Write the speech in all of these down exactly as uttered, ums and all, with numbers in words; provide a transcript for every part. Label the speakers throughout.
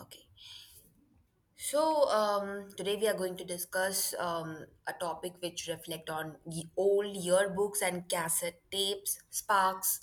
Speaker 1: Okay. So um, today we are going to discuss um, a topic which reflect on ye- old yearbooks and cassette tapes, sparks,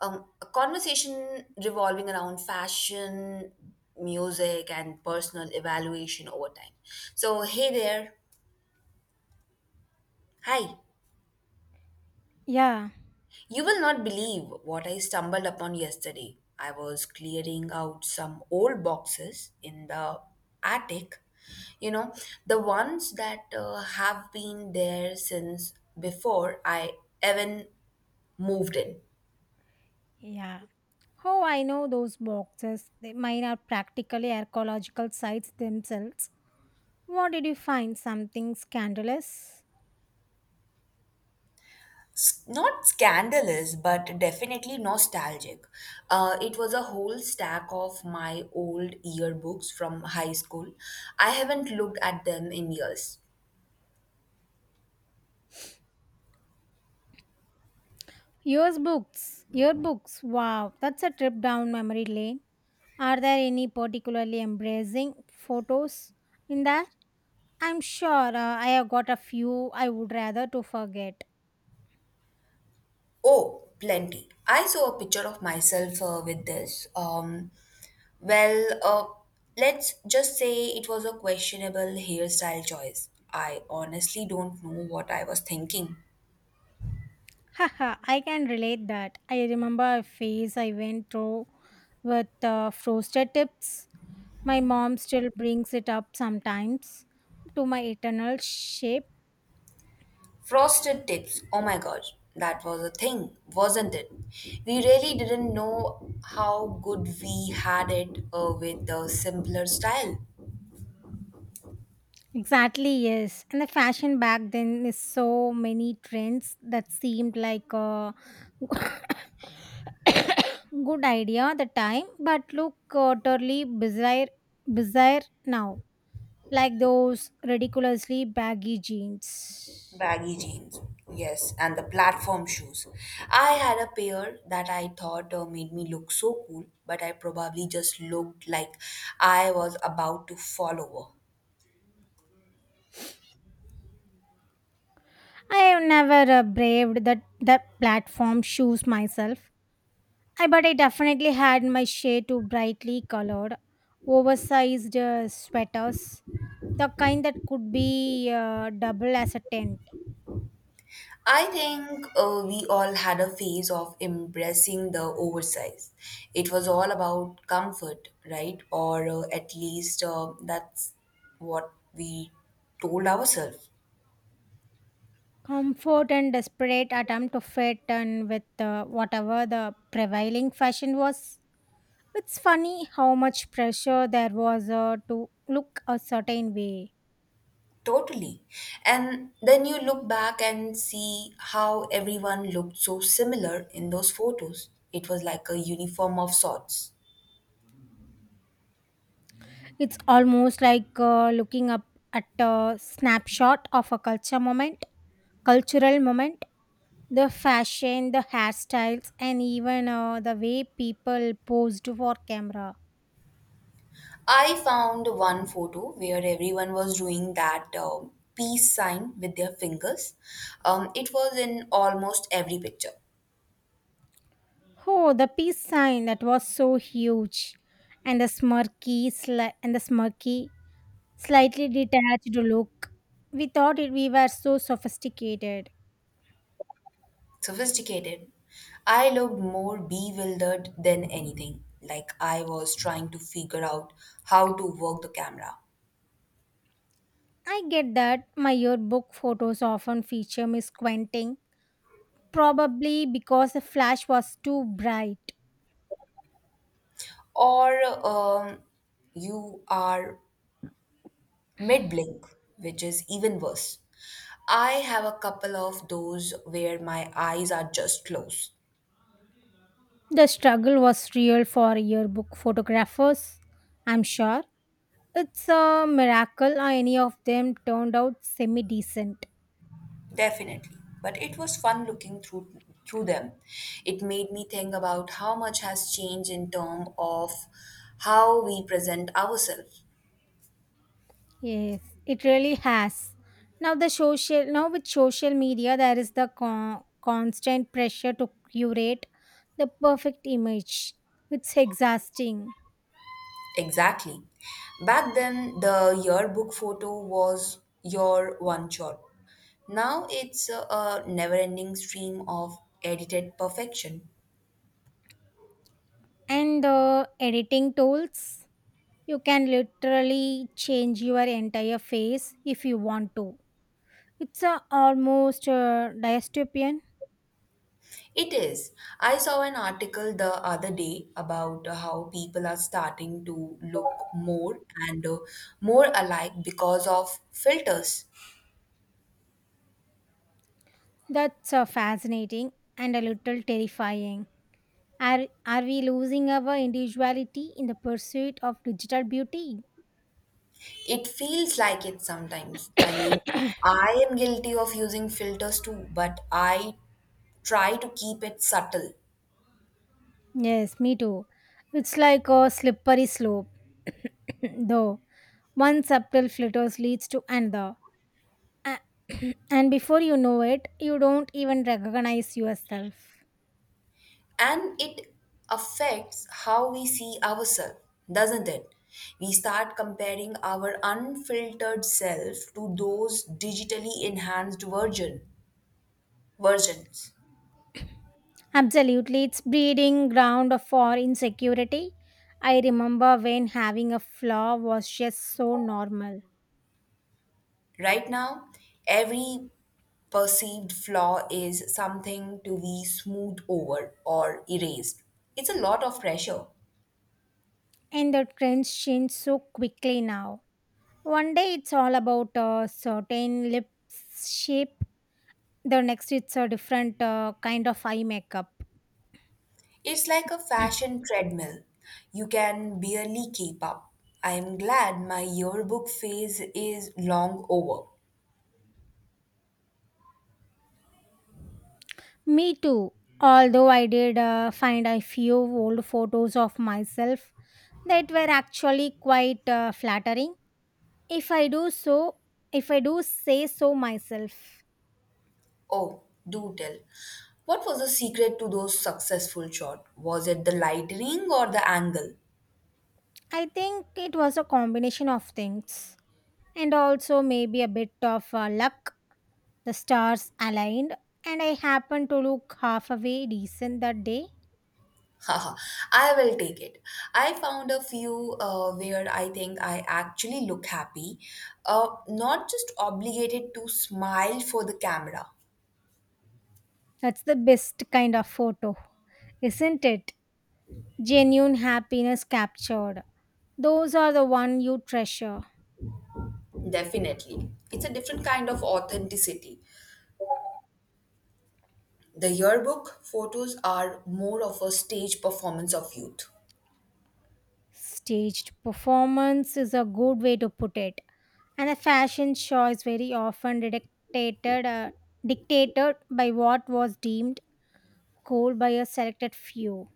Speaker 1: um, a conversation revolving around fashion, music, and personal evaluation over time. So hey there, hi.
Speaker 2: Yeah,
Speaker 1: You will not believe what I stumbled upon yesterday. I was clearing out some old boxes in the attic. You know, the ones that uh, have been there since before I even moved in.
Speaker 2: yeah. How I know those boxes. They mine are practically archaeological sites themselves. What did you find? Something scandalous?
Speaker 1: S- Not scandalous, but definitely nostalgic. Uh, it was a whole stack of my old yearbooks from high school. I haven't looked at them in years.
Speaker 2: Yearbooks. Yearbooks. Wow, that's a trip down memory lane. Are there any particularly embracing photos in there? I'm sure uh, I have got a few I would rather to forget.
Speaker 1: Oh, plenty. I saw a picture of myself uh, with this. Um, well, uh, let's just say it was a questionable hairstyle choice. I honestly don't know what I was thinking.
Speaker 2: Haha, I can relate that. I remember a phase I went through with uh, frosted tips. My mom still brings it up sometimes to my eternal shape.
Speaker 1: Frosted tips. Oh my god, that was a thing, wasn't it? We really didn't know how good we had it uh, with the simpler style.
Speaker 2: Exactly, yes. And the fashion back then is so many trends that seemed like a good idea at the time, but look uh, totally bizarre, bizarre now. Like those ridiculously baggy jeans.
Speaker 1: Baggy jeans, yes, and the platform shoes. I had a pair that I thought uh, made me look so cool, but I probably just looked like I was about to fall over.
Speaker 2: I have never uh, braved that that platform shoes myself. I but I definitely had my share to brightly colored, oversized uh, sweaters, the kind that could be uh, double as a tent.
Speaker 1: I think uh, we all had a phase of embracing the oversize. It was all about comfort, right? Or uh, at least uh, that's what we told ourselves.
Speaker 2: Comfort and desperate attempt to fit and with uh, whatever the prevailing fashion was. It's funny how much pressure there was uh, to look a certain way.
Speaker 1: Totally. And then you look back and see how everyone looked so similar in those photos. It was like a uniform of sorts.
Speaker 2: It's almost like uh, looking up at a snapshot of a culture moment, cultural moment. The fashion, the hairstyles, and even uh, the way people posed for camera.
Speaker 1: I found one photo where everyone was doing that uh, peace sign with their fingers. Um, it was in almost every picture.
Speaker 2: Oh, the peace sign that was so huge, and the smirky, sli- and the smirky, slightly detached look. We thought it, we were so sophisticated.
Speaker 1: Sophisticated. I looked more bewildered than anything, like I was trying to figure out how to work the camera.
Speaker 2: I get that my yearbook photos often feature me squinting, probably because the flash was too bright.
Speaker 1: Or um, you are mid blink, which is even worse. I have a couple of those where my eyes are just closed.
Speaker 2: The struggle was real for yearbook photographers, I'm sure. It's a miracle any of them turned out semi decent.
Speaker 1: Definitely. But it was fun looking through through them. It made me think about how much has changed in terms of how we present ourselves.
Speaker 2: Yes, it really has. Now the social now with social media there is the con- constant pressure to curate the perfect image. It's exhausting.
Speaker 1: Exactly. Back then the yearbook photo was your one shot. Now it's a, a never ending stream of edited perfection.
Speaker 2: And the editing tools, you can literally change your entire face if you want to. It's uh, almost uh, dystopian.
Speaker 1: It is. I saw an article the other day about uh, how people are starting to look more and uh, more alike because of filters.
Speaker 2: That's uh, fascinating and a little terrifying. Are, are we losing our individuality in the pursuit of digital beauty?
Speaker 1: It feels like it sometimes. I mean, I am guilty of using filters too, but I try to keep it subtle.
Speaker 2: Yes, me too. It's like a slippery slope, though. One subtle flitter leads to another. A- and before you know it, you don't even recognize yourself.
Speaker 1: And it affects how we see ourselves, doesn't it? We start comparing our unfiltered self to those digitally enhanced version. versions.
Speaker 2: Absolutely, it's breeding ground for insecurity. I remember when having a flaw was just so normal,
Speaker 1: Right now, every perceived flaw is something to be smoothed over or erased. It's a lot of pressure.
Speaker 2: and the trends change so quickly now. One day it's all about a certain lip shape, the next it's a different uh, kind of eye makeup.
Speaker 1: It's like a fashion treadmill. You can barely keep up. I'm glad my yearbook phase is long over.
Speaker 2: Me too, although I did uh, find a few old photos of myself that were actually quite uh, flattering. If I do so, if I do say so myself.
Speaker 1: Oh, do tell. What was the secret to those successful shots? Was it the lighting or the angle?
Speaker 2: I think it was a combination of things and also maybe a bit of uh, luck. The stars aligned and I happened to look half away decent that day.
Speaker 1: Haha, I will take it. I found a few uh, where I think I actually look happy, uh, not just obligated to smile for the camera.
Speaker 2: That's the best kind of photo, isn't it? Genuine happiness captured. Those are the one you treasure.
Speaker 1: Definitely. It's a different kind of authenticity. The yearbook photos are more of a stage performance of youth.
Speaker 2: Staged performance is a good way to put it. And a fashion choice very often dictated, uh, dictated by what was deemed cool by a selected few.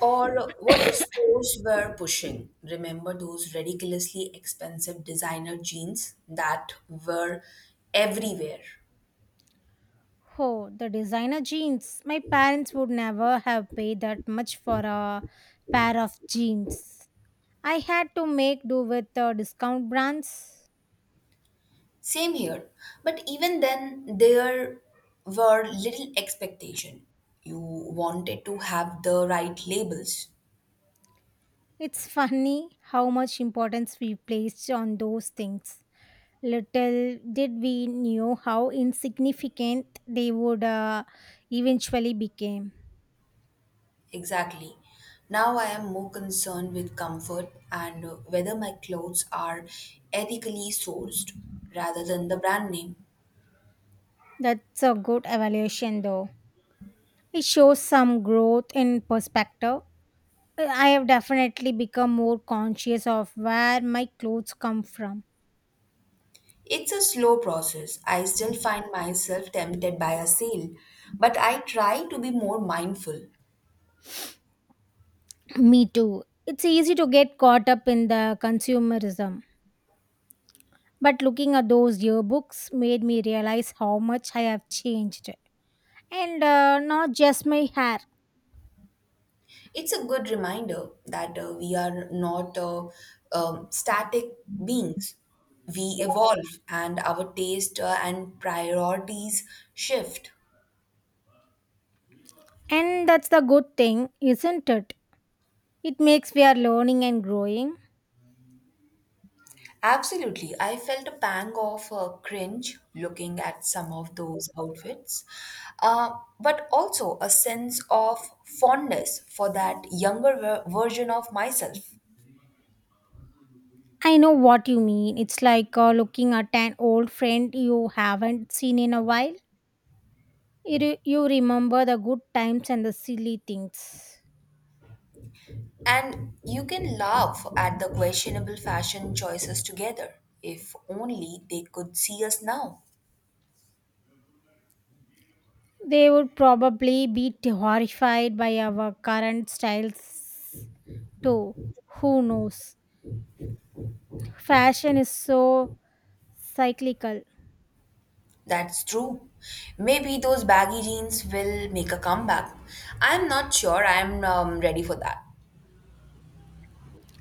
Speaker 1: Or what the stores were pushing. Remember those ridiculously expensive designer jeans that were everywhere?
Speaker 2: Oh, the designer jeans. My parents would never have paid that much for a pair of jeans. I had to make do with the discount brands.
Speaker 1: Same here. But even then, there were little expectation. You wanted to have the right labels.
Speaker 2: It's funny how much importance we placed on those things. Little did we know how insignificant they would uh, eventually become.
Speaker 1: Exactly. Now I am more concerned with comfort and uh, whether my clothes are ethically sourced rather than the brand name.
Speaker 2: That's a good evaluation, though. It shows some growth in perspective. I have definitely become more conscious of where my clothes come from.
Speaker 1: It's a slow process. I still find myself tempted by a sale, but I try to be more mindful.
Speaker 2: Me too. It's easy to get caught up in the consumerism. But looking at those yearbooks made me realize how much I have changed. And uh, not just my hair.
Speaker 1: It's a good reminder that uh, we are not uh, um, static beings. We evolve and our taste uh, and priorities shift.
Speaker 2: And that's the good thing, isn't it? It makes we are learning and growing.
Speaker 1: Absolutely. I felt a pang of uh, cringe looking at some of those outfits, uh, but also a sense of fondness for that younger ver- version of myself.
Speaker 2: I know what you mean. It's like uh, looking at an old friend you haven't seen in a while. You, re- you remember the good times and the silly things.
Speaker 1: And you can laugh at the questionable fashion choices together. If only they could see us now.
Speaker 2: They would probably be t- horrified by our current styles, too. Who knows? Fashion is so cyclical.
Speaker 1: That's true. Maybe those baggy jeans will make a comeback. I'm not sure I'm um, ready for that.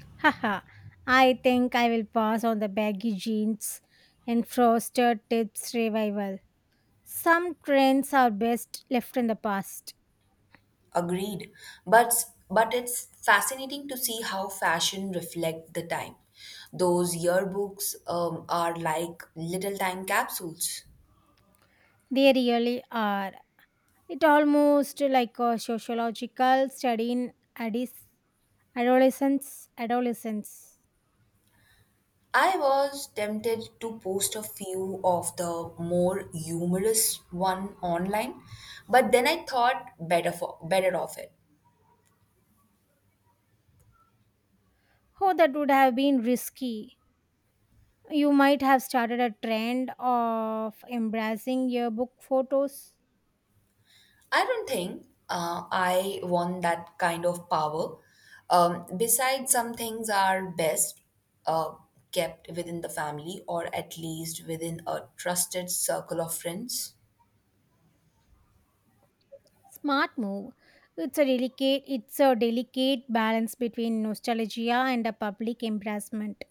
Speaker 2: Haha. I think I will pass on the baggy jeans and frosted tips revival. Some trends are best left in the past.
Speaker 1: Agreed. But but it's fascinating to see how fashion reflect the time. Those yearbooks um, are like little time capsules.
Speaker 2: They really are. It almost like a sociological study in Addis Adolescence, adolescence.
Speaker 1: I was tempted to post a few of the more humorous one online, but then I thought better for better of it.
Speaker 2: Oh, that would have been risky. You might have started a trend of embracing yearbook photos.
Speaker 1: I don't think uh, I want that kind of power. Um, besides, some things are best uh, kept within the family or at least within a trusted circle of friends.
Speaker 2: Smart move. It's a delicate it's a delicate balance between nostalgia and a public embarrassment.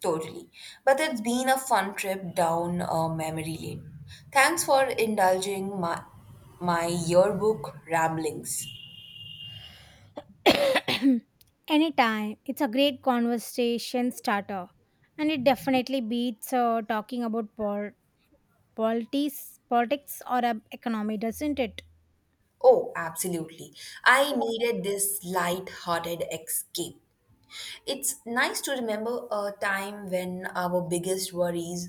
Speaker 1: Totally. But it's been a fun trip down uh, memory lane. Thanks for indulging my, my yearbook ramblings.
Speaker 2: Anytime. It's a great conversation starter. And it definitely beats uh, talking about pol- politics, politics or uh, economy, doesn't it?
Speaker 1: Oh, absolutely. I needed this light-hearted escape. It's nice to remember a time when our biggest worries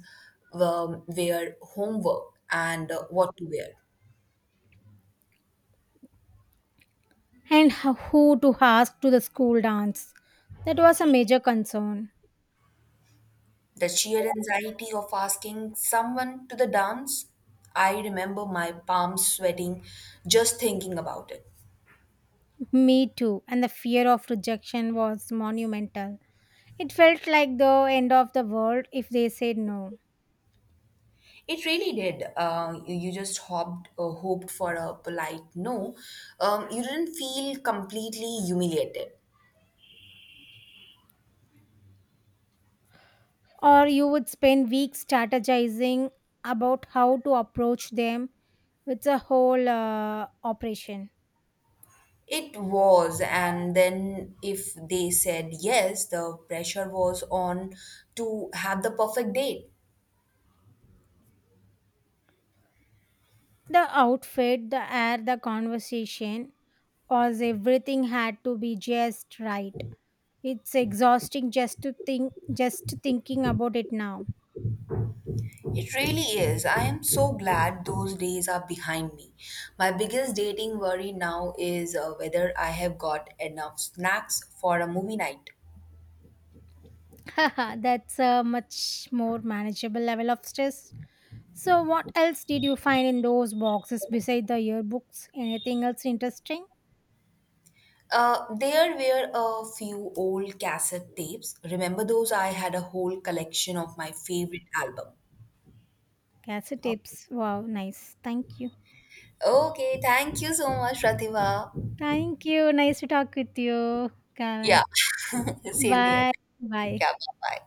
Speaker 1: were, were homework and uh, what to wear.
Speaker 2: And h- who to ask to the school dance. That was a major concern.
Speaker 1: The sheer anxiety of asking someone to the dance, I remember my palms sweating just thinking about it.
Speaker 2: Me too, and the fear of rejection was monumental. It felt like the end of the world if they said no.
Speaker 1: It really did. Uh, you, you just hoped, uh, hoped for a polite no. Um, you didn't feel completely humiliated.
Speaker 2: Or you would spend weeks strategizing about how to approach them. It's a whole uh, operation.
Speaker 1: It was, and then if they said yes, the pressure was on to have the perfect date.
Speaker 2: The outfit, the air, the conversation, was everything had to be just right. It's exhausting just to think just thinking about it now.
Speaker 1: It really is. I am so glad those days are behind me. My biggest dating worry now is uh, whether I have got enough snacks for a movie night.
Speaker 2: Haha, that's a much more manageable level of stress. So what else did you find in those boxes beside the yearbooks? Anything else interesting?
Speaker 1: Uh, there were a few old cassette tapes. Remember those? I had a whole collection of my favorite album.
Speaker 2: Cassette
Speaker 1: Okay.
Speaker 2: tapes. Wow, nice. Thank you.
Speaker 1: Okay, thank you so much, Pratibha.
Speaker 2: Thank you. Nice to talk with you, Kamal.
Speaker 1: Yeah, same here.
Speaker 2: Bye. Bye.
Speaker 1: Yeah, bye bye.